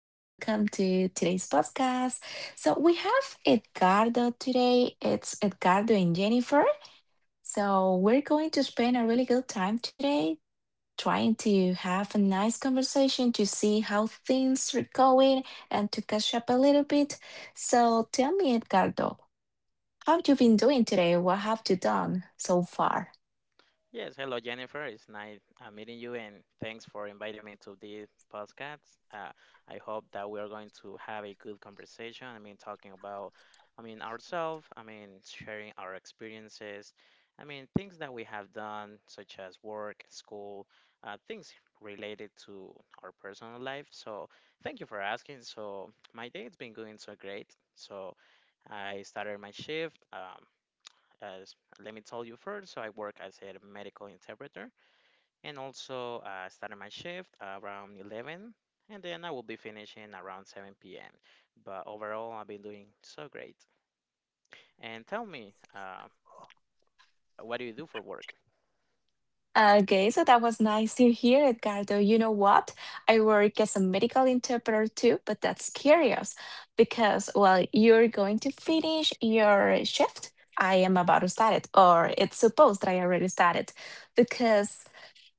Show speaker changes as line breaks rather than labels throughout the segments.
and welcome to today's podcast. So, we have Edgardo today. It's Edgardo and Jennifer. So, we're going to spend a really good time today trying to have a nice conversation to see how things are going and to catch up a little bit. So, tell me, Edgardo, how have you been doing today? What have you done so far?
Yes, hello Jennifer. It's nice meeting you, and thanks for inviting me to this podcast. I hope that we are going to have a good conversation. I mean, talking about, I mean, ourselves. I mean, sharing our experiences. I mean, things that we have done, such as work, school, things related to our personal life. So, thank you for asking. So, my day has been going so great. So, I started my shift. As Let me tell you first. So I work as a medical interpreter, and also I started my shift around 11, and then I will be finishing around 7 p.m. But overall, I've been doing so great. And tell me, what do you do for work?
Okay, so that was nice to hear, Edgardo. You know what? I work as a medical interpreter too, but that's curious because, well, you're going to finish your shift. I am about to start it, or it's supposed that I already started because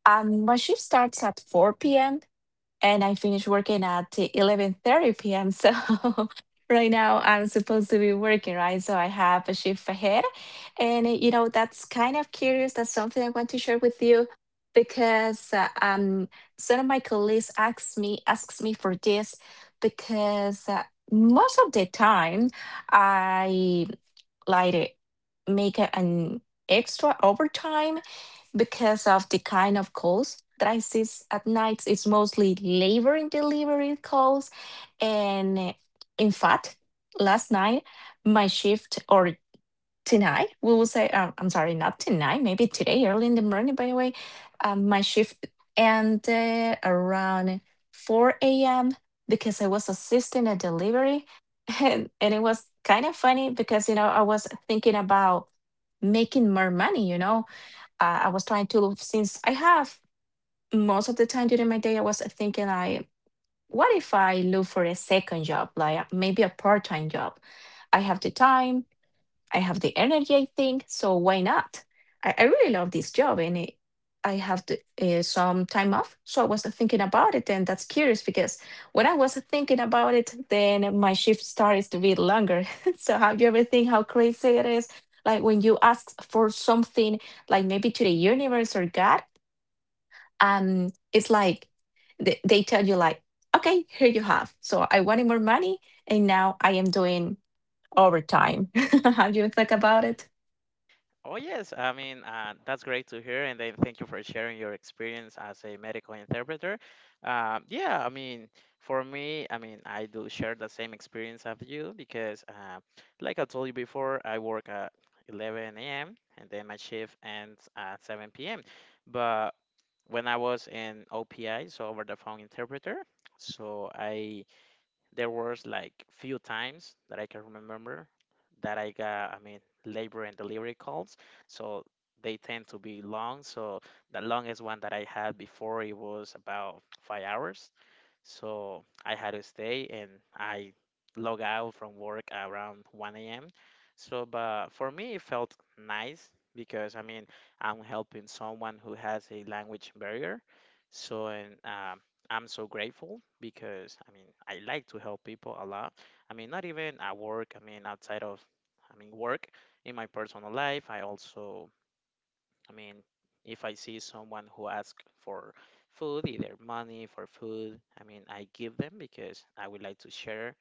my shift starts at 4 p.m and I finished working at 11:30 p.m. So right now I'm supposed to be working, right? So I have a shift ahead, and that's kind of curious. That's something I want to share with you because some of my colleagues asks me for this because most of the time I like make an extra overtime because of the kind of calls that I see at nights. It's mostly labor and delivery calls. And in fact, last night, my shift or tonight, we will say, I'm sorry, not tonight, maybe today, early in the morning, by the way, my shift ended around 4 a.m. because I was assisting a delivery. And it was kind of funny because, I was thinking about making more money, I was trying to since I have most of the time during my day, I was thinking, I what if I look for a second job, like maybe a part-time job? I have the time, I have the energy, I think, so why not? I really love this job, and I have some time off. So I was thinking about it, and that's curious because when I was thinking about it, then my shift starts to be longer. So have you ever think how crazy it is? Like when you ask for something, like maybe to the universe or God, it's like they tell you, like, okay, here you have. So I wanted more money, and now I am doing overtime. Have you thought about it?
Oh, yes. I mean, that's great to hear. And then thank you for sharing your experience as a medical interpreter. Yeah, I mean, for me, I mean, I do share the same experience of you because, like I told you before, I work at 11 a.m. and then my shift ends at 7 p.m. But when I was in OPI, so over the phone interpreter, so I there was like few times that I can remember that I got, I mean, labor and delivery calls. So they tend to be long. So the longest one that I had before it was about 5 hours. So I had to stay and I log out from work around 1 a.m. So, but for me, it felt nice because I mean, I'm helping someone who has a language barrier. So, and I'm so grateful because I mean, I like to help people a lot. I mean, not even at work, I mean, outside of, I mean, work in my personal life, I also I mean, if I see someone who asks for food, either money for food, I mean, I give them because I would like to share.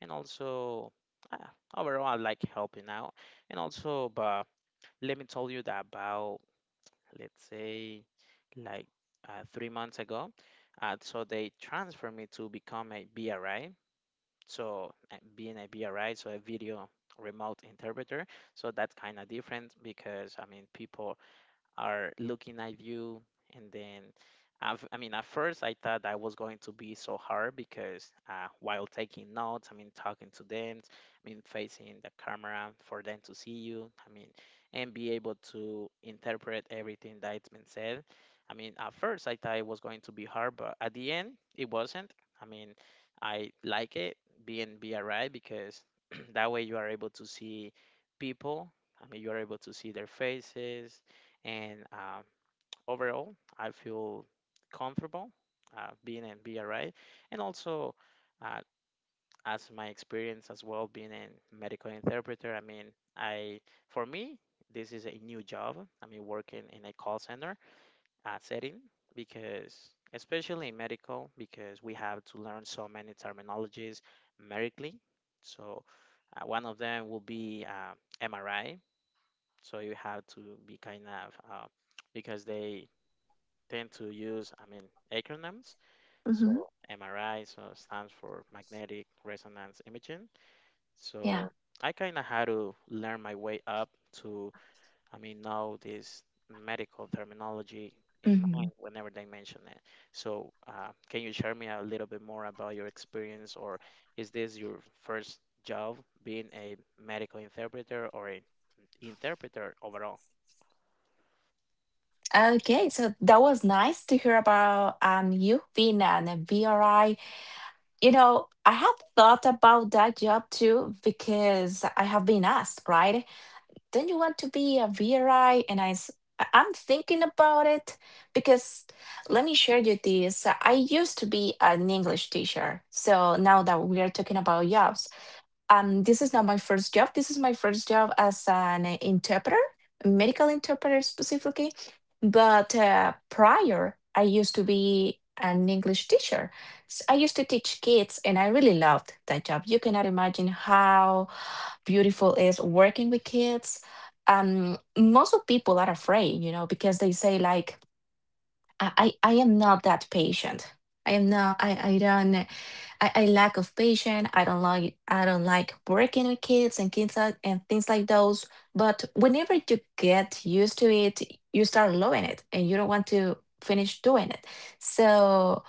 And also, uh, overall, I like helping out. And also, but let me tell you that about, let's say, like 3 months ago, so they transferred me to become a BRI. So, being a BRI, so a video remote interpreter. So that's kind of different because, I mean, people are looking at you. And then, I mean, at first I thought that was going to be so hard because while taking notes, I mean, talking to them, I mean, facing the camera for them to see you, I mean, and be able to interpret everything that's been said. I mean, at first I thought it was going to be hard, but at the end, it wasn't. I mean, I like it being BRI because that way you are able to see people. I mean, you are able to see their faces, and overall, I feel comfortable being in BRI. And also, uh, as my experience as well being a medical interpreter, I mean, I for me, this is a new job. I mean, working in a call center setting because, especially in medical, because we have to learn so many terminologies medically. So, one of them will be MRI. So, you have to be kind of because they tend to use, I mean, acronyms.
Mhm.
So MRI so stands for magnetic resonance imaging.
Yeah.
So I kind of had to learn my way up to, I mean, know this medical terminology in mind
Mhm.
whenever they mention it. So can you share me a little bit more about your experience, or is this your first job being a medical interpreter or an interpreter overall?
Okay, so that was nice to hear about you being an a VRI. You know, I have thought about that job too because I have been asked, right? Don't you want to be a VRI? And I'm thinking about it, because let me share you this. I used to be an English teacher. So now that we are talking about jobs, this is not my first job. This is my first job as an interpreter, a medical interpreter specifically. But prior, I used to be an English teacher. I used to teach kids, and I really loved that job. You cannot imagine how beautiful is working with kids. Most of people are afraid, because they say, like, I am not that patient. I am not. I don't. I lack of patience. I don't like working with kids, and and things like those. But whenever you get used to it, you start loving it, and you don't want to finish doing it. So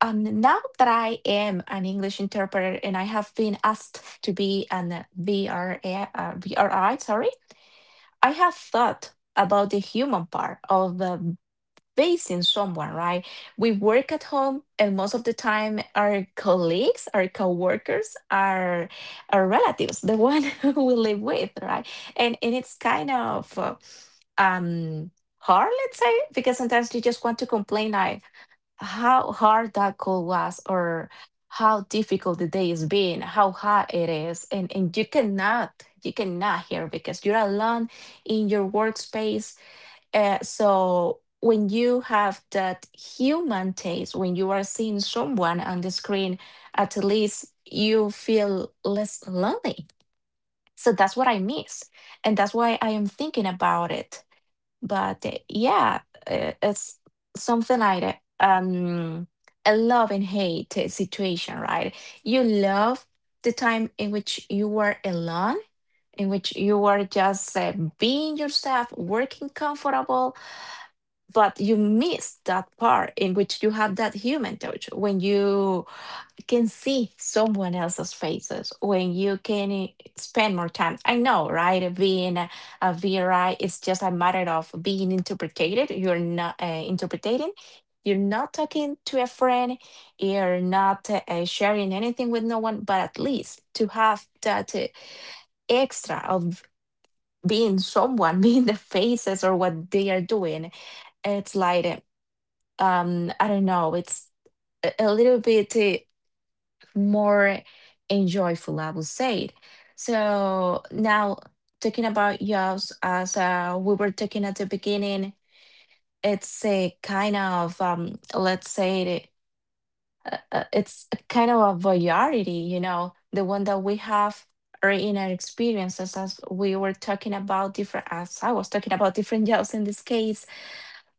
now that I am an English interpreter and I have been asked to be an VRA, VRI, sorry, I have thought about the human part of facing someone, right? We work at home, and most of the time, our colleagues, our coworkers, are our relatives, the one who we live with, right? And it's kind of um hard, let's say, because sometimes you just want to complain, like how hard that call was, or how difficult the day has been, how hard it is, and you cannot hear because you're alone in your workspace, so when you have that human taste, when you are seeing someone on the screen, at least you feel less lonely. So that's what I miss. And that's why I am thinking about it. But yeah, it's something like that, a love and hate situation, right? You love the time in which you were alone, in which you were just being yourself, working comfortable, but you miss that part in which you have that human touch, when you can see someone else's faces, when you can spend more time. I know, right? Being a VRI, it's just a matter of being interpreted. You're not interpreting. You're not talking to a friend. You're not sharing anything with no one. But at least to have that extra of being someone, being the faces or what they are doing, it's like, I don't know, it's a little bit more enjoyable, I would say. So now talking about jobs, as we were talking at the beginning, it's a kind of, let's say, it's a kind of a variety, you know, the one that we have, or in our experiences, as we were talking about different, as I was talking about different jobs in this case,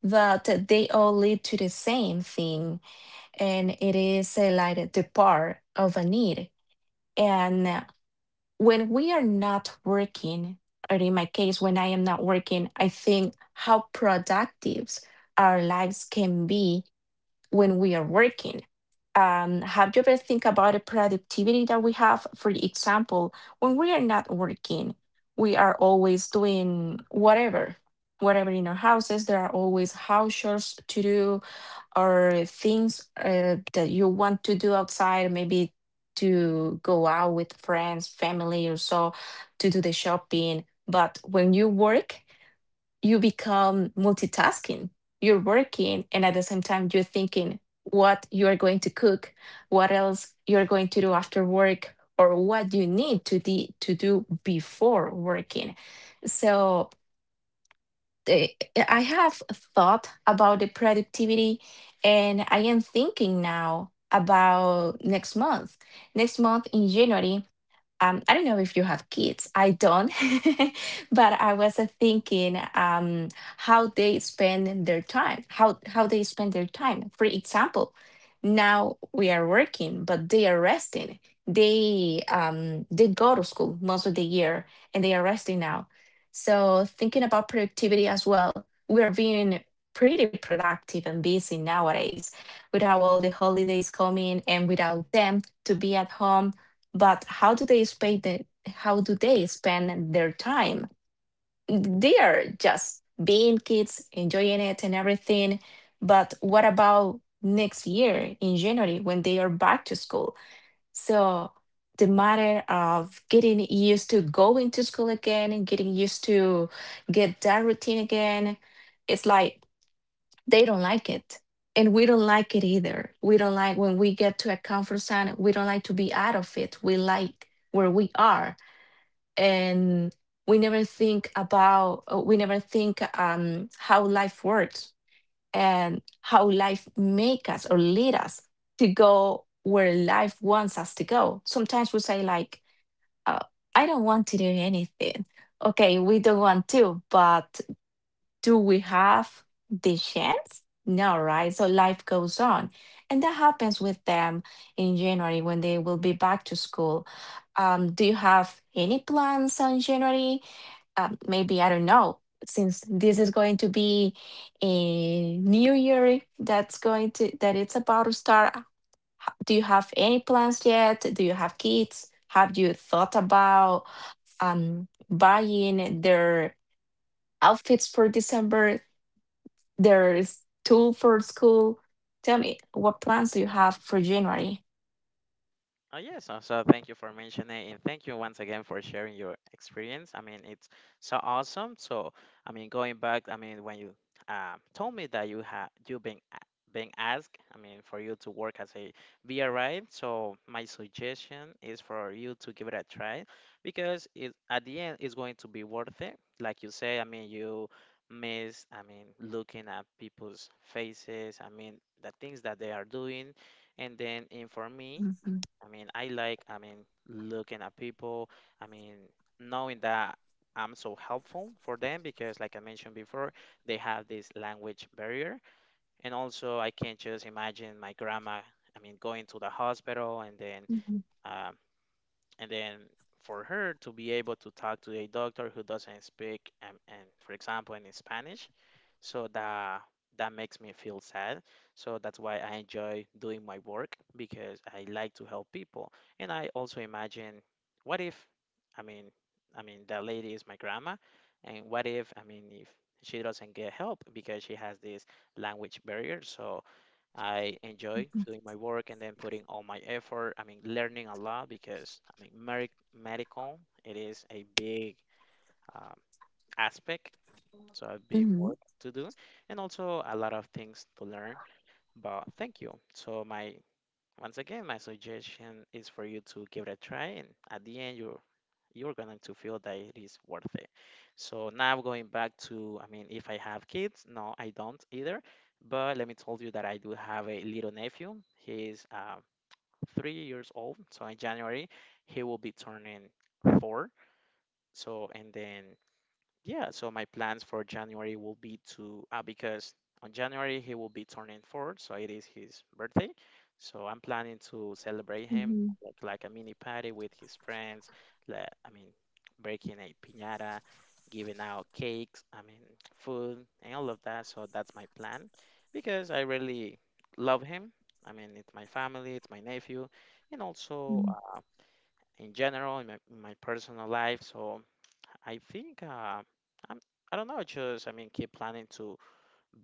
but they all lead to the same thing, and it is like the part of a need. And when we are not working, or in my case, when I am not working, I think how productive our lives can be when we are working. Have you ever think about the productivity that we have? For example, when we are not working, we are always doing whatever, whatever in our houses. There are always house chores to do, or things that you want to do outside, maybe to go out with friends, family, or so, to do the shopping. But when you work, you become multitasking. You're working, and at the same time, you're thinking what you are going to cook, what else you're going to do after work, or what you need to do before working. So, eh, I have thought about the productivity, and I am thinking now about next month. Next month, in January, I don't know if you have kids. I don't, but I was thinking, how they spend their time, how they spend their time. For example, now we are working, but they are resting. They go to school most of the year, and they are resting now. So thinking about productivity as well, we are being pretty productive and busy nowadays, without all the holidays coming and without them to be at home. But how do they spend their time? They are just being kids, enjoying it and everything. But what about next year, in January, when they are back to school? So the matter of getting used to going to school again, and getting used to get that routine again, it's like they don't like it, and we don't like it either. We don't like when we get to a comfort zone. We don't like to be out of it. We like where we are, and we never think, how life works and how life make us, or lead us to go where life wants us to go. Sometimes we say, like, uh, I don't want to do anything. Okay, we don't want to, but do we have the chance? No, right? So life goes on. And that happens with them in January, when they will be back to school. Do you have any plans on January? Maybe, I don't know, since this is going to be a new year, that's that it's about to start. Do you have any plans yet? Do you have kids? Have you thought about buying their outfits for December? There is tool for school. Tell me, what plans do you have for January?
Oh, yes. Also, thank you for mentioning and thank you once again for sharing your experience. I mean, it's so awesome. So, I mean, going back, I mean, when you told me that you had you been being asked, I mean, for you to work as a VRI. So, my suggestion is for you to give it a try because it at the end it's going to be worth it. Like you say, I mean, you miss, I mean, looking at people's faces. I mean, the things that they are doing, and then, and for me.
Mhm,
I mean, I like, I mean, looking at people, I mean, knowing that I'm so helpful for them because, like I mentioned before, they have this language barrier. And also, I can just imagine my grandma, I mean, going to the hospital. And then,
mhm,
uh, and then for her to be able to talk to a doctor who doesn't speak and, for example in Spanish. So that makes me feel sad. So that's why I enjoy doing my work because I like to help people. And I also imagine, what if, I mean, I mean that lady is my grandma, and what if, I mean, if she doesn't get help because she has this language barrier. So I enjoy doing my work and then putting all my effort. I mean, learning a lot because I mean, medical it is a big um, aspect, so a big
mhm,
work to do, and also a lot of things to learn. But thank you. So my once again, my suggestion is for you to give it a try, and at the end, you're going to feel that it is worth it. So now going back to, I mean, if I have kids, no, I don't either. But let me tell you that I do have a little nephew. He's 3 years old. So in January, he will be turning 4. So and then yeah, so my plans for January will be to because on January he will be turning 4, so it is his birthday. So I'm planning to celebrate him
mhm,
like a mini party with his friends. Like, I mean, breaking a piñata, giving out cakes, I mean, food and all of that. So that's my plan because I really love him. I mean, it's my family, it's my nephew, and also
mhm,
in general in my personal life. So. I think I'm, I don't know, just I mean, keep planning to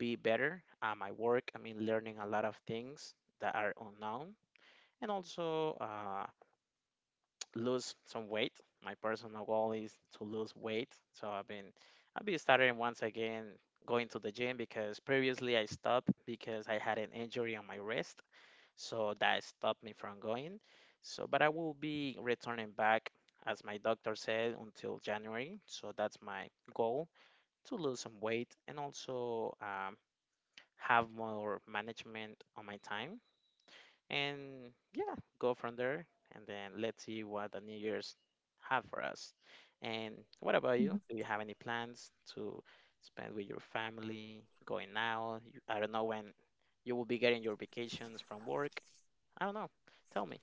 be better at my work. I mean, learning a lot of things that are unknown, and also lose some weight. My personal goal is to lose weight, so I'll be starting once again going to the gym because previously I stopped because I had an injury on my wrist, so that stopped me from going. So, but I will be returning back as my doctor said until January. So that's my goal to lose some weight and also have more management on my time. And yeah, go from there. And then let's see what the New Year's have for us. And what about
mhm.
you? Do you have any plans to spend with your family, going out? I don't know when you will be getting your vacations from work. I don't know. Tell me.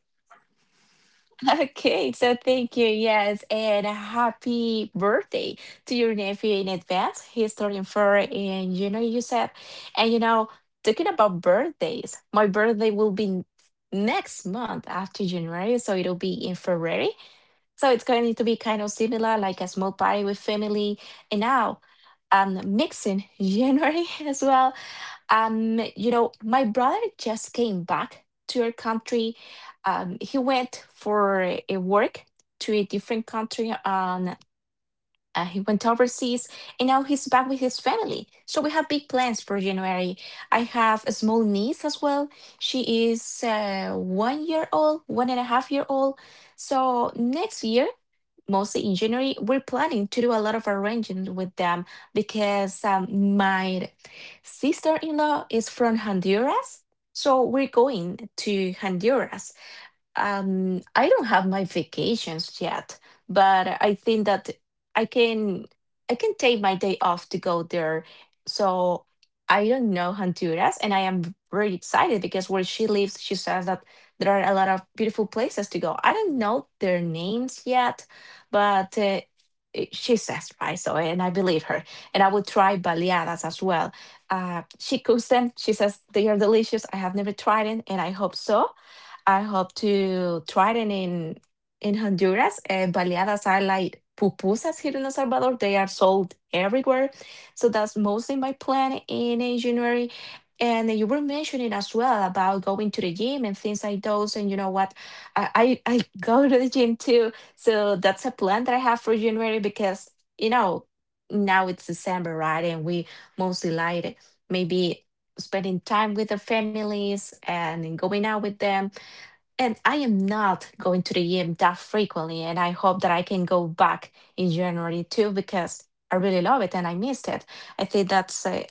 Okay, so thank you. Yes, and happy birthday to your nephew in advance. He's turning four in January, you said. And talking about birthdays, my birthday will be next month after January, so it'll be in February. So it's going to be kind of similar, like a small party with family. And now I'm mixing January as well. My brother just came back to your country. He went for a work to a different country, and he went overseas, and now he's back with his family. So we have big plans for January. I have a small niece as well. She is 1 year old, 1.5 year old. So next year, mostly in January. We're planning to do a lot of arranging with them because my sister in law is from Honduras. So we're going to Honduras, I don't have my vacations yet, but I think that I can I can take my day off to go there. So I don't know Honduras, and I am very excited because where she lives, she says that there are a lot of beautiful places to go. I don't know their names yet, but she says right, so and I believe her. And I would try baleadas as well. She cooks them. She says they are delicious. I have never tried it, and I hope to try it in Honduras. And baleadas are like pupusas here in El Salvador. They are sold everywhere. So that's mostly my plan in January. And you were mentioning as well about going to the gym and things like those. And you know what? I go to the gym too. So that's a plan that I have for January because, you know, now it's December, right? And we mostly like maybe spending time with the families and going out with them, and I am not going to the gym that frequently. And I hope that I can go back in January too, because I really love it and I missed it. I think that's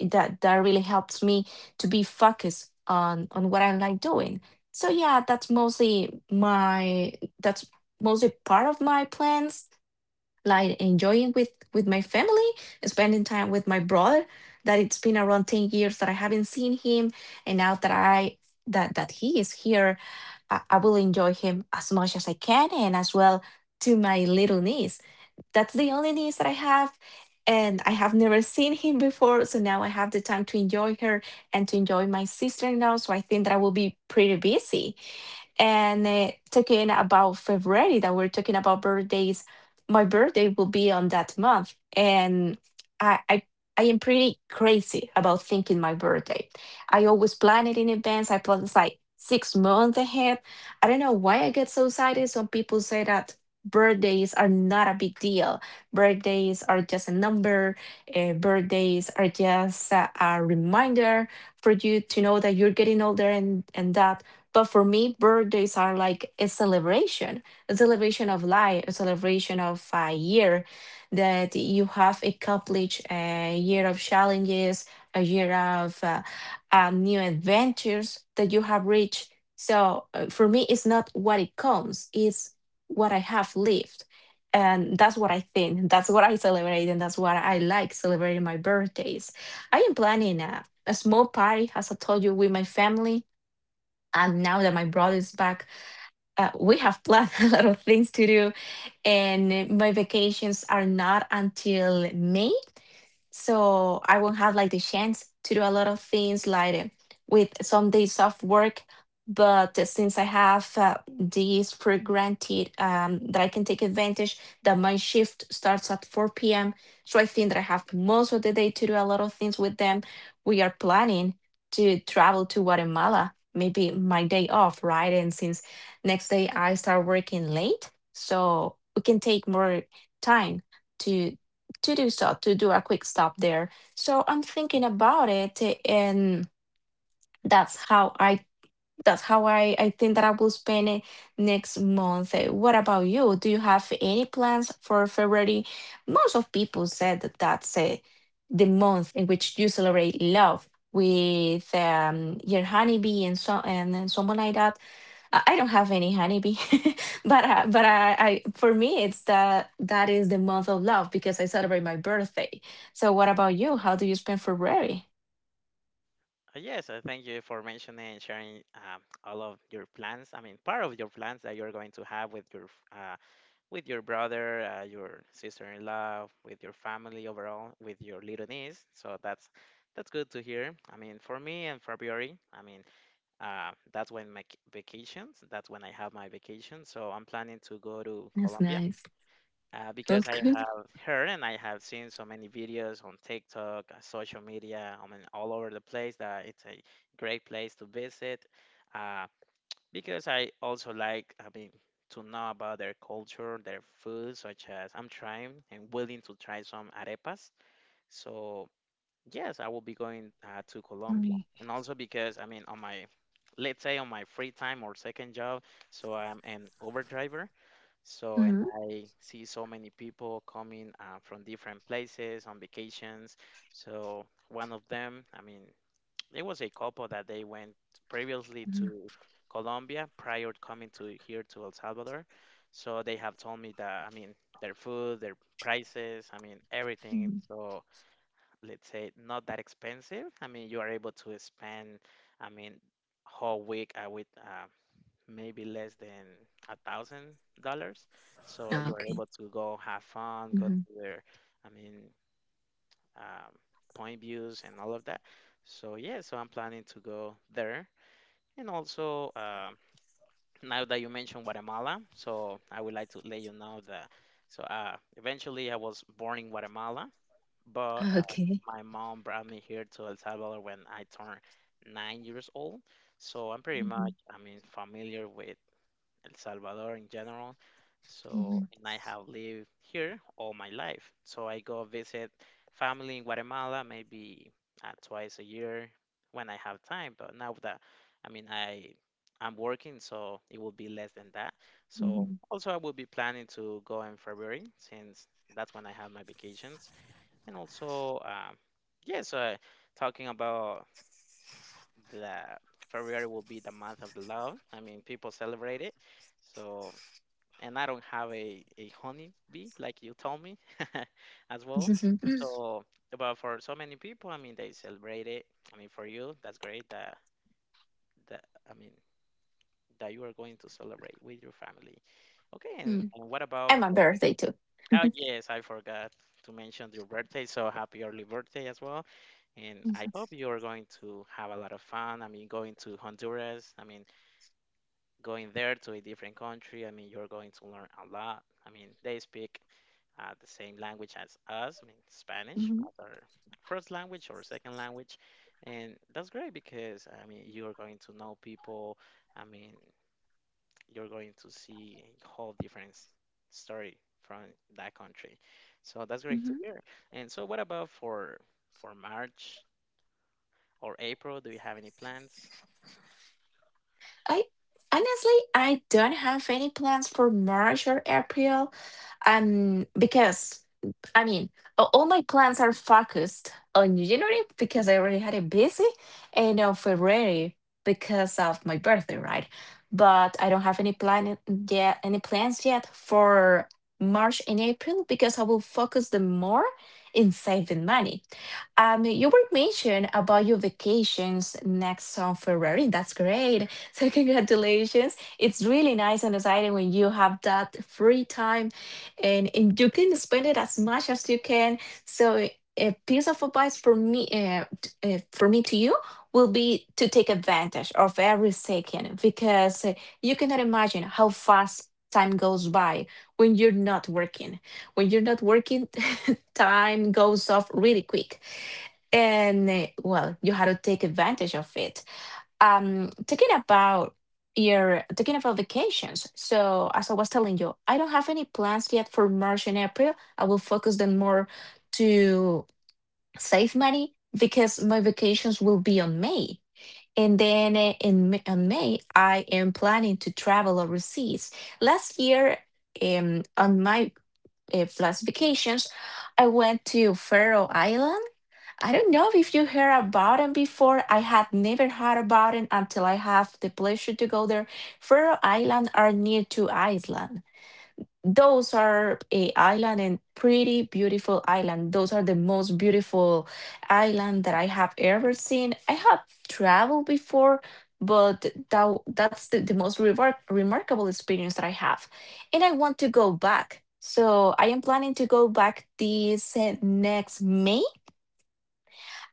that really helps me to be focused on what I like doing. So yeah, that's mostly part of my plans, like enjoying with my family, spending time with my brother. That it's been around 10 years that I haven't seen him, and now that I that that he is here, I will enjoy him as much as I can, and as well to my little niece. That's the only niece that I have. And I have never seen him before. So now I have the time to enjoy her and to enjoy my sister in law. So I think that I will be pretty busy. And talking about February, that we're talking about birthdays, my birthday will be on that month, and I, I I am pretty crazy about thinking my birthday. I always plan it in advance. I plan it's like 6 months ahead. I don't know why I get so excited. Some people say that birthdays are not a big deal. Birthdays are just a number. Birthdays are just a reminder for you to know that you're getting older and that, but for me, birthdays are like a celebration of life, a celebration of a year that you have accomplished, a year of challenges, a year of new adventures that you have reached. So for me, it's not what it comes, it's what I have lived. And that's what I think. That's what I celebrate. And that's what I like celebrating my birthdays. I am planning a small party, as I told you, with my family, and now that my brother is back, we have planned a lot of things to do. And my vacations are not until May. So I won't have like the chance to do a lot of things like with some days off work. But since I have these for granted, that I can take advantage, that my shift starts at 4 p.m. So I think that I have most of the day to do a lot of things with them. We are planning to travel to Guatemala, maybe my day off, right? And since next day I start working late, so we can take more time to do so, to do a quick stop there. So I'm thinking about it, and that's how I that's how I think that I will spend it next month. What about you? Do you have any plans for February? Most of people said that that's the month in which you celebrate love with your honeybee and so and, someone like that. I don't have any honeybee, but I for me it's that is the month of love because I celebrate my birthday. So what about you? How do you spend February?
Yes, thank you for mentioning and sharing all of your plans. I mean, part of your plans that you're going to have with f- with your brother, your sister-in-law, with your family overall, with your little niece. So that's good to hear. I mean, for me in February, I mean, that's when vacations. That's when I have my vacation. So I'm planning to go to
That's
Colombia
nice.
because
That's
I
good
have heard and I have seen so many videos on TikTok, social media. I mean, all over the place that it's a great place to visit. Uh, because I also like, I mean, to know about their culture, their food, such as I'm trying and willing to try some arepas. So yes, I will be going to
for
Colombia,
me.
and also because I mean, on my let's say on my free time or second job, so I'm an Uber driver. So and
Mhm.
I see so many people coming from different places on vacations. So one of them, I mean, it was a couple that they went previously to Colombia prior to coming to here to El Salvador. So they have told me that I mean their food, their prices, I mean everything.
Mhm.
So let's say not that expensive. I mean you are able to spend I mean whole week with maybe less than $1,000. So you are able
Okay.
to go have fun, go
Mhm.
to their I mean um, point views and all of that. So yeah, so I'm planning to go there. And also, now that you mentioned Guatemala, so I would like to let you know that. So eventually, I was born in Guatemala, but
Okay.
my mom brought me here to El Salvador when I turned 9 years old. So I'm pretty much,
Mhm.
I mean, familiar with El Salvador in general. So,
Mhm.
and I have lived here all my life. So I go visit family in Guatemala maybe twice a year when I have time. But now that, I mean, I'm working, so it will be less than that. So
Mhm.
also I will be planning to go in February since that's when I have my vacations. And also, yes, talking about the February will be the month of the love. I mean, people celebrate it. So and I don't have a honey bee like you told me as well. So, but for so many people, I mean, they celebrate it. I mean, for you, that's great that I mean, that you are going to celebrate with your family. Okay, and,
Mhm.
and what about
And my birthday too.
oh, yes, I forgot to mention your birthday. So happy early birthday as well. And I hope you are going to have a lot of fun. I mean, going to Honduras. I mean, going there to a different country, I mean, you're going to learn a lot. I mean, they speak the same language as us, I mean, Spanish,
Mhm.
as our first language or second language. And that's great because, I mean, you're going to know people. I mean, you're going to see a whole different story from that country. So that's great to
Mhm.
hear. And so, what about for March or April? Do you have any plans?
I I don't have any plans for March or April, because I mean, all my plans are focused on January because I already had it busy, and on February because of my birthday, right? But I don't have any plan yet, any plans yet for March and April because I will focus them more in saving money. You were mentioned about your vacations next on February. That's great. So congratulations. It's really nice and exciting when you have that free time, and you can spend it as much as you can. So a piece of advice for me, for me to you will be to take advantage of every second, because you cannot imagine how fast time goes by when you're not working. When you're not working, time goes off really quick, and well, you had to take advantage of it. Um talking about your talking about vacations, so as I was telling you, I don't have any plans yet for March and April. I will focus then more to save money because my vacations will be on May, and then on May I am planning to travel overseas. Last year, on my last vacations, I went to Faroe Islands. I don't know if you heard about them before. I had never heard about them until I have the pleasure to go there. Faroe Island are near to Iceland. Those are a island and pretty beautiful island. Those are the most beautiful island that I have ever seen. I have traveled before, but that, that's the most remarkable experience that I have. And I want to go back. So I am planning to go back this next May.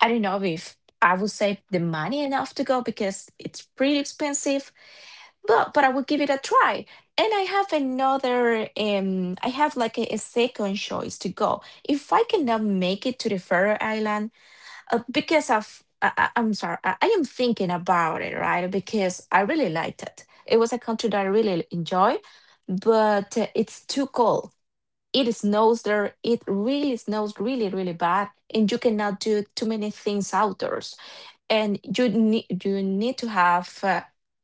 I don't know if I would save the money enough to go because it's pretty expensive, but I would give it a try. And I have another I have like a second choice to go. If I cannot make it to the Faroe Island because of I- I'm sorry, I am thinking about it, right? Because I really liked it. It was a country that I really enjoy, but it's too cold. It snows there. It really snows really really bad, and you cannot do too many things outdoors, and you need to have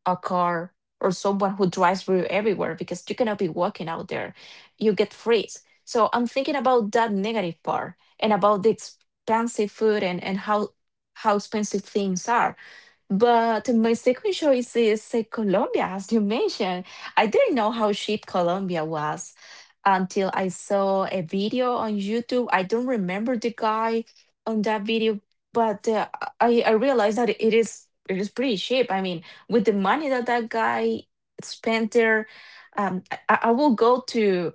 a car or someone who drives you everywhere because you cannot be walking out there. You get freeze. So I'm thinking about that negative part and about the expensive food, and how expensive things are. But my second choice is Colombia, as you mentioned. I didn't know how cheap Colombia was until I saw a video on YouTube. I don't remember the guy on that video, but I realized that it is pretty cheap. I mean, with the money that that guy spent there, I will go to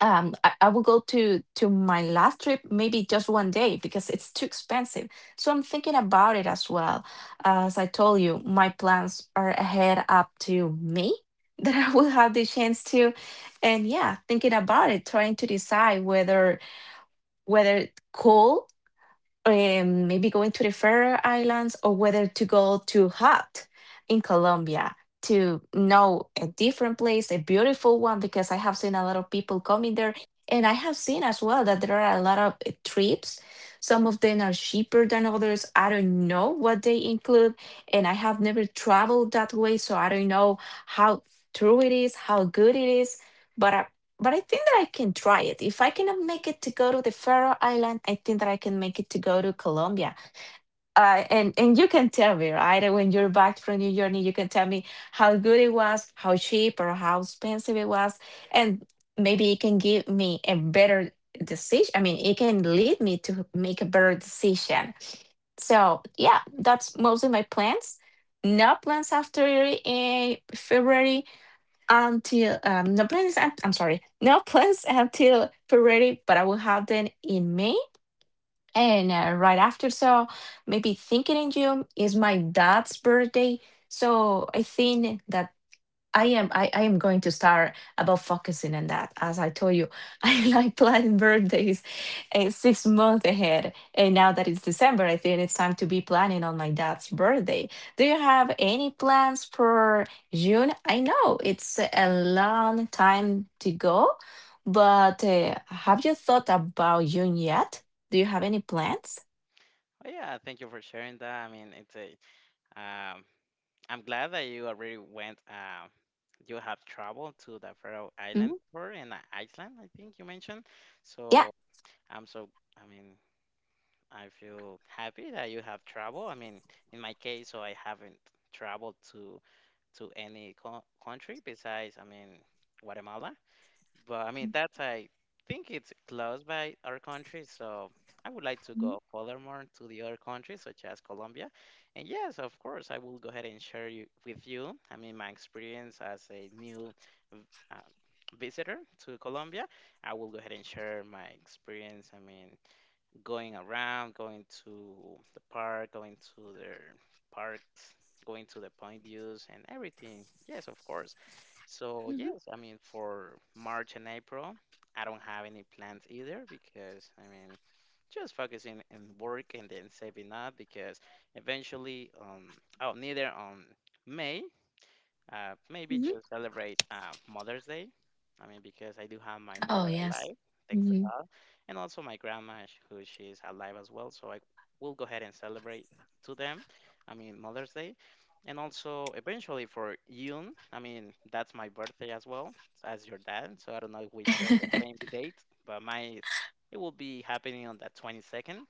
I will go to my last trip maybe just one day because it's too expensive. So I'm thinking about it as well. As I told you, my plans are ahead up to May that I will have the chance to, and yeah, thinking about it, trying to decide whether cold, maybe going to the Faroe Islands, or whether to go to Hut in Colombia to know a different place, a beautiful one, because I have seen a lot of people coming there. And I have seen as well that there are a lot of trips. Some of them are cheaper than others. I don't know what they include. And I have never traveled that way. So I don't know how true it is, how good it is. But I think that I can try it. If I cannot make it to go to the Faroe Island, I think that I can make it to go to Colombia. And and you can tell me, right? When you're back from your journey, you can tell me how good it was, how cheap or how expensive it was, and maybe it can give me a better decision. I mean, it can lead me to make a better decision. So yeah, that's mostly my plans. No plans after February until no plans. I'm sorry, no plans until February, but I will have them in May and right after. So maybe thinking in June is my dad's birthday, so I think that I am going to start about focusing on that. As I told you, I like planning birthdays 6 months ahead. And now that it's December, I think it's time to be planning on my dad's birthday. Do you have any plans for June? I know it's a long time to go, but have you thought about June yet? Do you have any plans?
Oh yeah, thank you for sharing that. I mean, it's a Um, I'm glad that you already went. You have traveled to the Faroe
Hmm.
Island tour in Iceland, I think you mentioned.
Yeah.
So I'm so. I mean, I feel happy that you have traveled. I mean, in my case, so I haven't traveled to any co country besides, I mean, Guatemala. But I mean, that's I think it's close by our country, so I would like to
Hmm.
go furthermore to the other countries such as Colombia. And yes, of course, I will go ahead and share with you. I mean, my experience as a new v- uh, visitor to Colombia. I will go ahead and share my experience. I mean, going around, going to the park, going to their parks, going to the point views and everything. Yes, of course. So, yes, I mean, for March and April, I don't have any plans either because I mean, just focusing on work and then saving up because eventually, oh, neither on May maybe
Hmm.
just celebrate Mother's Day. I mean, because I do have my
Oh
mother
yes.
alive, thanks to
Hmm.
God, and also my grandma, who she's alive as well. So I will go ahead and celebrate to them. I mean, Mother's Day, and also eventually for June. I mean, that's my birthday as well as your dad. So I don't know if we share the
Mhm.
same date, but mine is, it will be happening on the 22nd.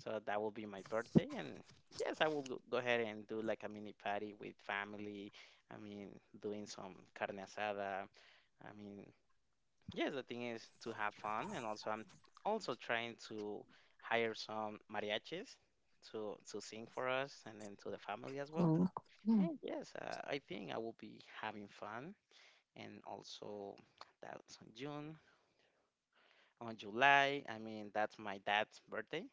So that will be my birthday, and yes, I will go ahead and do like a mini party with family. I mean, doing some carne asada. I mean, yes, the thing is to have fun, and also I'm also trying to hire some mariachis to sing for us, and then to the family as well.
Cool. Yeah.
And yes, I think I will be having fun, and also that's on June, on July. I mean, that's my dad's birthday.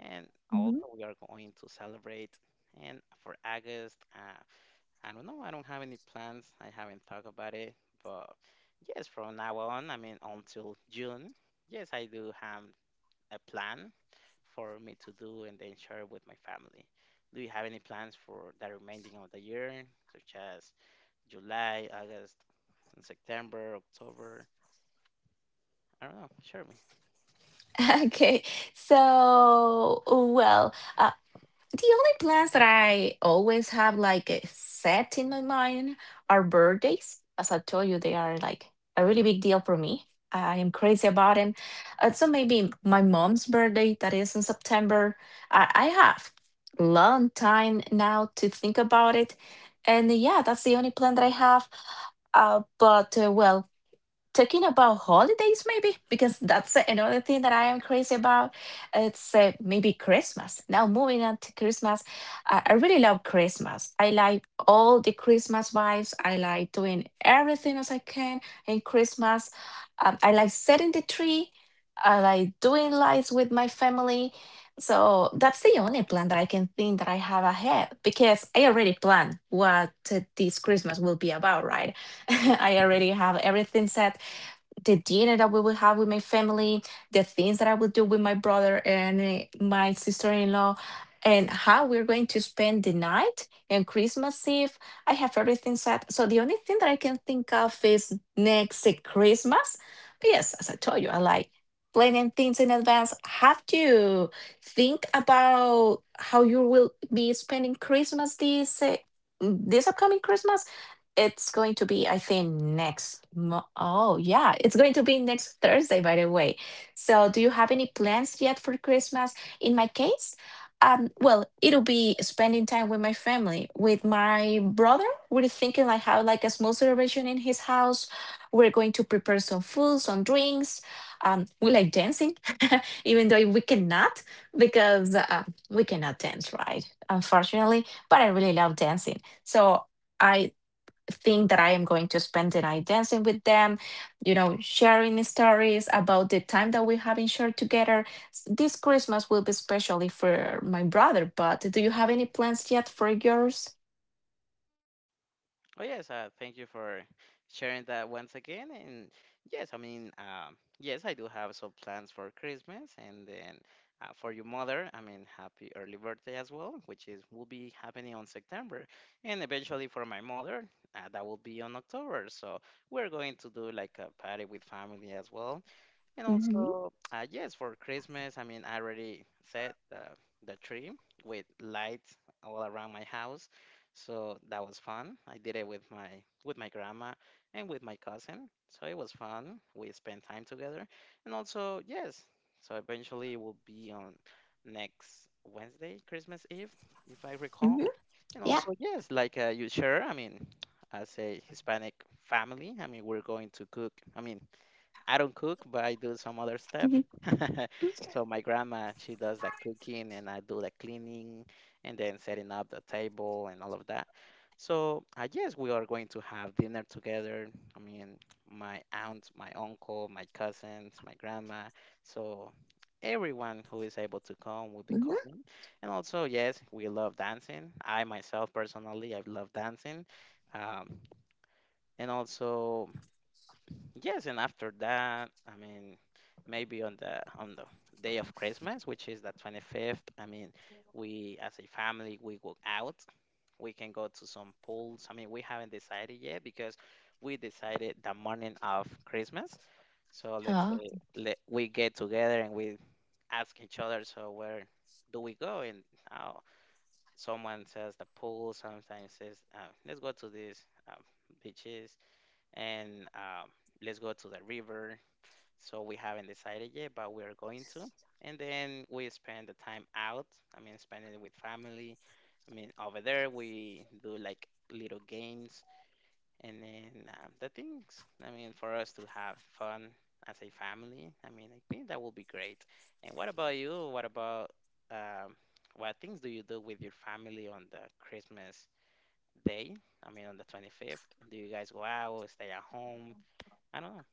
And
Mhm.
also, we are going to celebrate. And for August, I don't know. I don't have any plans. I haven't thought about it. But yes, from now on, I mean, until June, yes, I do have a plan for me to do and then share with my family. Do you have any plans for the remaining of the year, such as July, August, and September, October? I don't know. Share me.
Okay, so well, uh, the only plans that I always have, like set in my mind, are birthdays. As I told you, they are like a really big deal for me. I am crazy about them. So maybe my mom's birthday that is in September. I have long time now to think about it, and yeah, that's the only plan that I have. But Well, talking about holidays, maybe, because that's another thing that I am crazy about, it's maybe Christmas. Now, moving on to Christmas, I really love Christmas. I like all the Christmas vibes. I like doing everything as I can in Christmas. I like setting the tree. I like doing lights with my family. So that's the only plan that I can think that I have ahead, because I already plan what this Christmas will be about, right? I already have everything set: the dinner that we will have with my family, the things that I will do with my brother and my sister-in-law, and how we're going to spend the night and Christmas Eve. I have everything set. So the only thing that I can think of is next Christmas. But yes, as I told you, I like planning things in advance. Have to think about how you will be spending Christmas this upcoming Christmas. It's going to be, I think, next. Oh, yeah, it's going to be next Thursday, by the way. So, do you have any plans yet for Christmas? In my case, well, it'll be spending time with my family, with my brother. We're thinking like have like a small celebration in his house. We're going to prepare some food, some drinks. We like dancing, even though we cannot, because we cannot dance, right? Unfortunately, but I really love dancing. So I think that I am going to spend the night dancing with them, sharing stories about the time that we have shared together. This Christmas will be especially for my brother, but do you have any plans yet for yours?
Oh yes, thank you for sharing that once again. And yes, I mean, yes, I do have some plans for Christmas, and then for your mother, I mean, happy early birthday as well, which is will be happening on September, and eventually for my mother, that will be on October. So we're going to do like a party with family as well, and
Hmm.
also, yes, for Christmas, I mean, I already set the tree with lights all around my house, so that was fun. I did it with my grandma and with my cousin, so it was fun. We spent time together, and also, yes, so eventually it will be on next Wednesday, Christmas Eve, if I recall.
Hmm.
And
Yeah.
also, yes, like you share, I mean, as a Hispanic family, I mean, we're going to cook. I mean I don't cook, but I do some other stuff.
Hmm.
So my grandma, she does the cooking and I do the cleaning and then setting up the table and all of that. So I guess we are going to have dinner together. I mean, my aunt, my uncle, my cousins, my grandma. So everyone who is able to come will be
Mm-hmm.
coming. And also, yes, we love dancing. I myself personally, I love dancing. Um, and also yes, and after that, I mean, maybe on the day of Christmas, which is the 25th, I mean, we as a family we go out. We can go to some pools. I mean, we haven't decided yet because we decided the morning of Christmas. So let's
Oh,
say we get together and we ask each other, so where do we go? And uh, someone says the pool, sometimes says, let's go to this beaches and let's go to the river. So we haven't decided yet, but we are going to. And then we spend the time out. I mean, spending it with family. I mean, over there we do like little games and then the things. I mean, for us to have fun as a family. I mean, I think that will be great. And what about you? What about um, what things do you do with your family on the Christmas day? I mean, on the 25th? Do you guys go out, stay at home? I don't know.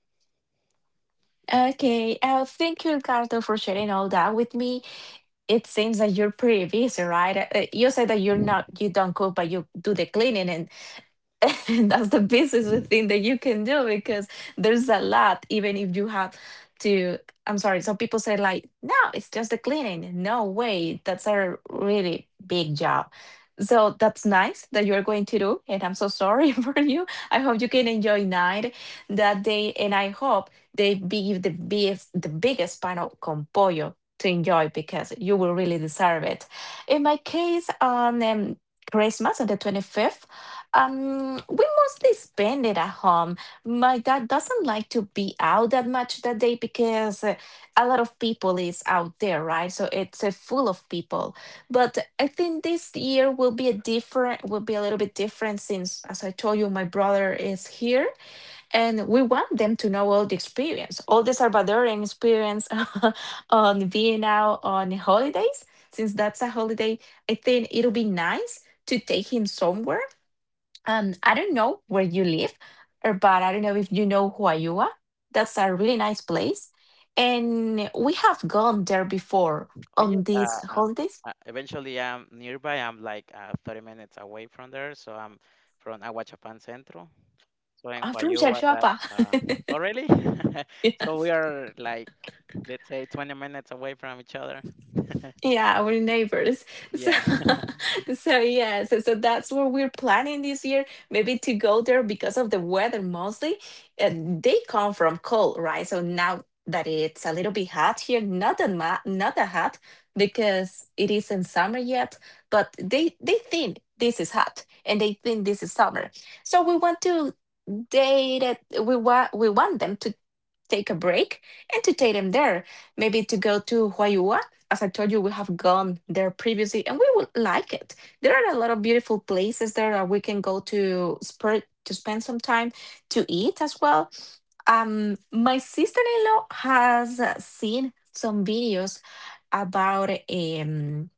okay. Thank you, Ricardo, for sharing all that with me. It seems that you're pretty busy, right? You said that you don't cook, but you do the cleaning, and and that's the busiest thing that you can do, because there's a lot. Even if you have to, I'm sorry, some people say like, no, it's just the cleaning. No way, that's a really big job. So that's nice that you're going to do, and I'm so sorry for you. I hope you can enjoy night that day, and I hope they give the biggest, the biggest pan of compollo to enjoy, because you will really deserve it. In my case, on Christmas, on the 25th, we mostly spend it at home. My dad doesn't like to be out that much that day, because a lot of people is out there, right? So it's full of people. But I think this year will be a different, will be a little bit different, since, as I told you, my brother is here, and we want them to know all the experience, all the Salvadorian experience on being out on holidays. Since that's a holiday, I think it'll be nice to take him somewhere. I don't know where you live, but I don't know if you know Huayua. That's a really nice place. And we have gone there before
Oh
on
yes,
these holidays.
eventually I'm nearby. I'm like 30 minutes away from there, so I'm from Aguachapan Centro. So in
I'm from
Huayua, that
Chachapa.
uh, oh really? So we are like let's say 20 minutes away from each other.
Yeah, our neighbors. So,
Yeah,
so yeah, so that's what we're planning this year, maybe to go there because of the weather mostly. And they come from cold, right? So now that it's a little bit hot here, not that hot, because it isn't summer yet, but they think this is hot and they think this is summer. So we want to date it. We want them to take a break and to take them there. Maybe to go to Huayua. As I told you, we have gone there previously and we would like it. There are a lot of beautiful places there that we can go to spend some time to eat as well. My sister-in-law has seen some videos about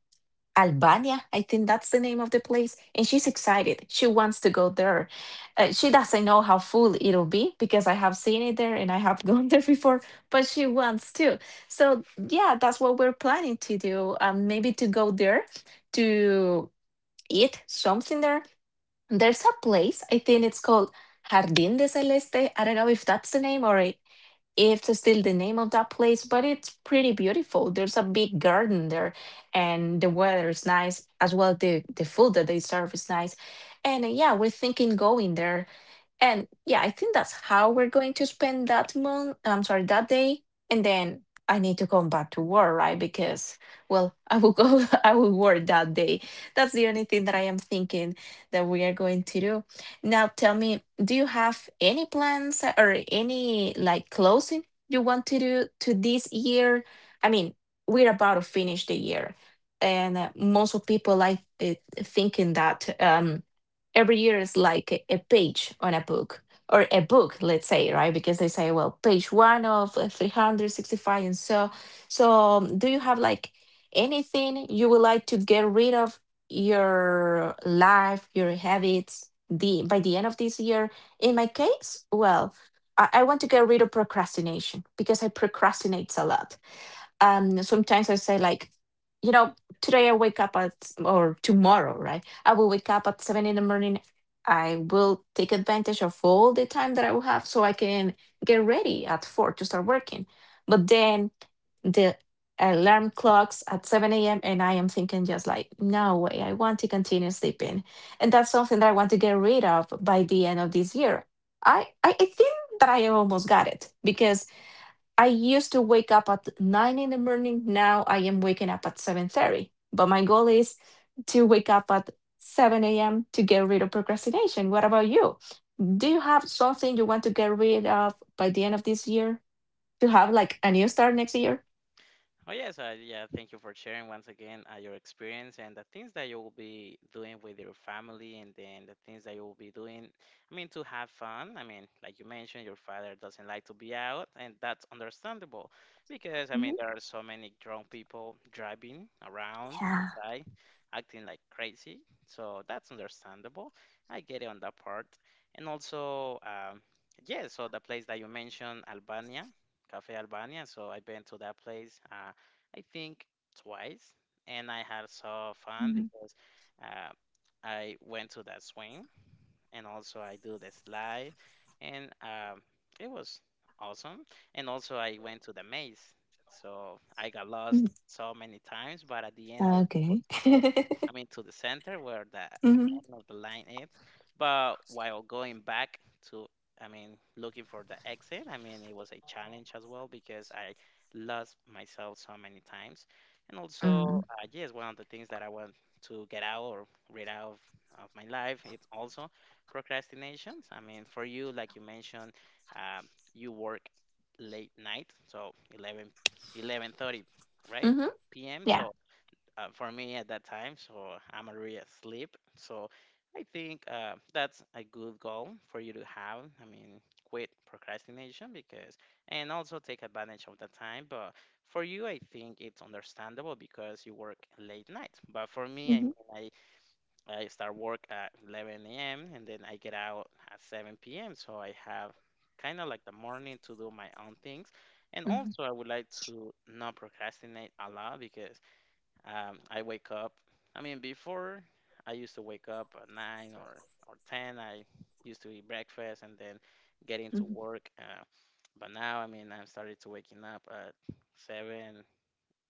Albania, I think that's the name of the place. And she's excited. She wants to go there. She doesn't know how full it'll be, because I have seen it there and I have gone there before, but she wants to. So, yeah, that's what we're planning to do. Maybe to go there to eat something there. There's a place, I think it's called Jardín de Celeste. I don't know if that's the name or if to still the name of that place, but it's pretty beautiful. There's a big garden there, and the weather is nice as well. The food that they serve is nice, and yeah, we're thinking going there and yeah, I think that's how we're going to spend that month. I'm sorry, that day. And then I need to come back to work, right? Because, well, I will go, I will work that day. That's the only thing that I am thinking that we are going to do. Now, tell me, do you have any plans or any like closing you want to do to this year? I mean, we're about to finish the year. And most of people like thinking that. Every year is like a page on a book, or a book, let's say, right? Because they say, well, page one of 365, and do you have like anything you would like to get rid of, your life, your habits, the by the end of this year? In my case, well, I want to get rid of procrastination, because I procrastinate a lot. Sometimes I say like, you know today I wake up at, or tomorrow, right? I will wake up at 7 in the morning. I will take advantage of all the time that I will have, so I can get ready at 4 to start working. But then the alarm clocks at 7 a.m. and I am thinking just like, no way, I want to continue sleeping. And that's something that I want to get rid of by the end of this year. I think that I almost got it, because I used to wake up at 9 in the morning. Now I am waking up at 7:30. But my goal is to wake up at seven a.m. to get rid of procrastination. What about you? Do you have something you want to get rid of by the end of this year to have like a new start next year?
oh yes, yeah. Thank you for sharing once again your experience and the things that you will be doing with your family, and then the things that you will be doing. I mean, to have fun. I mean, like you mentioned, your father doesn't like to be out, and that's understandable because I mean
Mhm.
there are so many drunk people driving around
Yeah.
outside, acting like crazy. So that's understandable. I get it on that part, and also, yeah. So the place that you mentioned, Albania. Cafe Albania, so I've been to that place. I think twice, and I had so fun
Mhm.
because uh, I went to that swim, and also I do this live, and it was awesome. And also I went to the maze, so I got
Mm.
lost so many times, but at the end I was able
Okay.
to go. I mean, to the center where the
Mhm.
end of the line is. But while going back to, I mean, looking for the exit, I mean, it was a challenge as well because I lost myself so many times. And also,
Mm.
yes, one of the things that I want to get out or rid out of my life, it's also procrastinations? I mean, for you, like you mentioned, um, you work late night, so eleven, 11:30, right?
Mhm.
PM.
Yeah.
So for me at that time, so I'm already asleep. So I think that's a good goal for you to have. I mean, quit procrastination because, and also take advantage of the time. But for you, I think it's understandable because you work late night. But for me, I
Mhm.
mean, I start work at 11 a.m. and then I get out at 7 p.m. So I have kind of like the morning to do my own things. And
Mhm.
also, I would like to not procrastinate a lot because I wake up. I mean, before I used to wake up at 9 or 10. I used to eat breakfast and then get into
Mhm.
work. But now, I mean, I'm started to waking up at 7,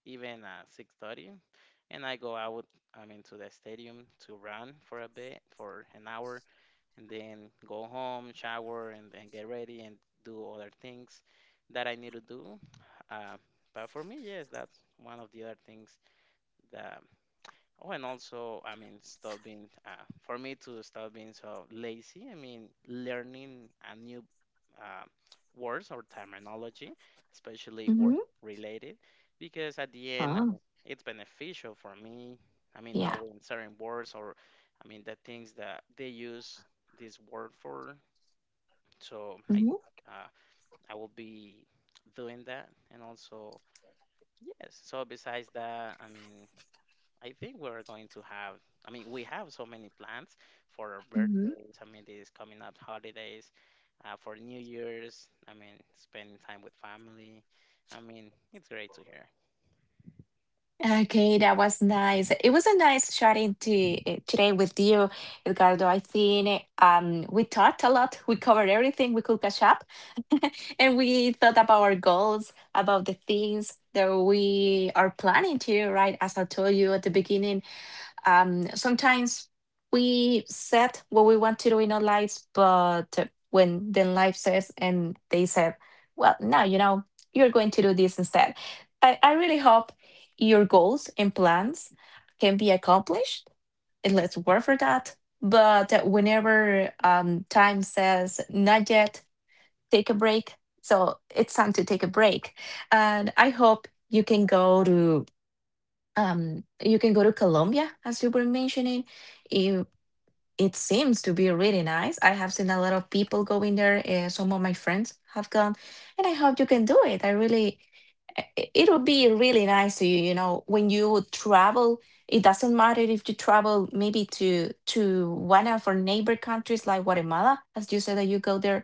even 6:30 and I go out. I mean, to the stadium to run for a bit, for an hour, and then go home, shower, and then get ready and do other things that I need to do. Uh, but for me, yes, that's one of the other things that oh, and also, I mean, stop being, for me to stop being so lazy, I mean, learning a new uh, words or terminology, especially work
Mhm.
related, because at the end, I
Oh,
mean, it's beneficial for me. I mean,
yeah.
knowing certain words or, I mean, the things that they use this word for. So I
Mhm.
think uh, I will be doing that. And also, yes, so besides that, I mean, I think we're going to have, I mean, we have so many plans for our
Mhm.
birthdays. I mean, these coming up holidays, for New Year's. I mean, spending time with family. I mean, it's great to hear.
Okay, that was nice. It was a nice chatting to, today with you, Edgardo. I think we talked a lot. We covered everything we could catch up, and we thought about our goals, about the things that we are planning to, right? As I told you at the beginning, sometimes we set what we want to do in our lives, but when then life says and they said, well, no, you're going to do this instead. I really hope your goals and plans can be accomplished, and let's work for that. But whenever time says not yet, take a break. So it's time to take a break. And I hope you can go to Colombia, as you were mentioning. If it seems to be really nice. I have seen a lot of people going there. Some of my friends have gone, and I hope you can do it. I really, it would be really nice to you. You know, when you travel, it doesn't matter if you travel maybe to one of our neighbor countries like Guatemala, as you said that you go there.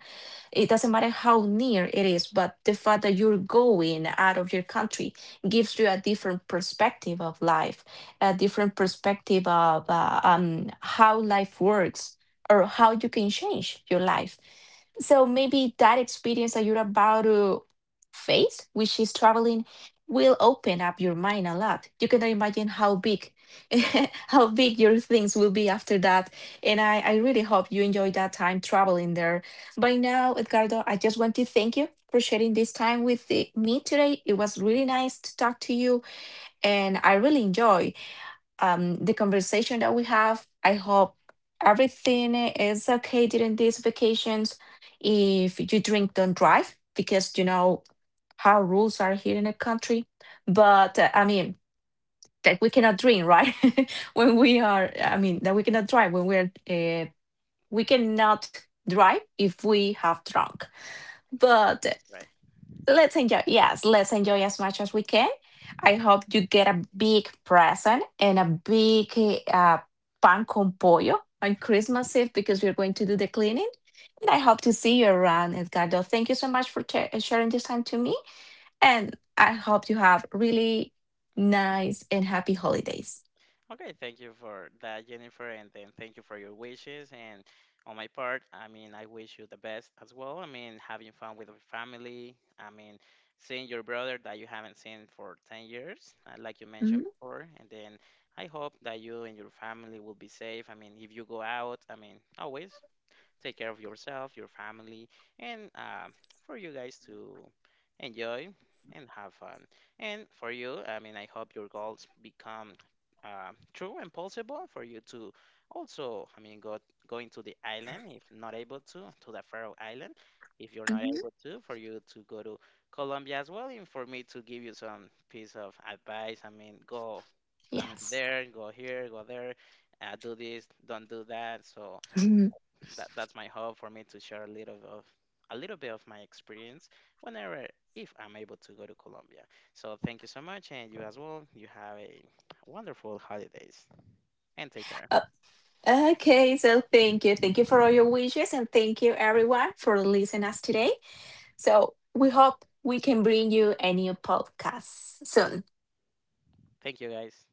It doesn't matter how near it is, but the fact that you're going out of your country gives you a different perspective of life, a different perspective of how life works or how you can change your life. So maybe that experience that you're about to face, which is traveling, will open up your mind a lot. You cannot imagine how big, how big your things will be after that. And I really hope you enjoy that time traveling there. By now, Edgardo, I just want to thank you for sharing this time with me today. It was really nice to talk to you, and I really enjoy the conversation that we have. I hope everything is okay during these vacations. If you drink, don't drive, because you know how rules are here in the country. But I mean, that we cannot drink, right? When we are, I mean, that we cannot drive when we are, we cannot drive if we have drunk. But
That's right.
let's enjoy. Yes, let's enjoy as much as we can. I hope you get a big present and a big uh, pan con pollo on Christmas Eve, because we're going to do the cleaning. And I hope to see you around, Edgardo. Thank you so much for sharing this time to me. And I hope you have really nice and happy holidays.
Okay, thank you for that, Jennifer, and then thank you for your wishes. And on my part, I mean, I wish you the best as well. I mean, having fun with your family. I mean, seeing your brother that you haven't seen for 10 years, like you mentioned
Mhm,
before. And then I hope that you and your family will be safe. I mean, if you go out, I mean, always take care of yourself, your family, and for you guys to enjoy and have fun. And for you, I mean, I hope your goals become true and possible for you to also, I mean, go going to the island if not able to the Faroe Island. If you're not
mhm,
able to, for you to go to Colombia as well, and for me to give you some piece of advice, I mean, go, I mean,
yes.
there, go here, go there, do this, don't do that. So
Mhm.
that's my hope for me to share a little bit of my experience whenever if I'm able to go to Colombia. So thank you so much and you as well. You have a wonderful holidays and take care.
Uh, Okay, so thank you. Thank you for all your wishes. And thank you, everyone, for listening us today. So we hope we can bring you a new podcast soon.
Thank you guys.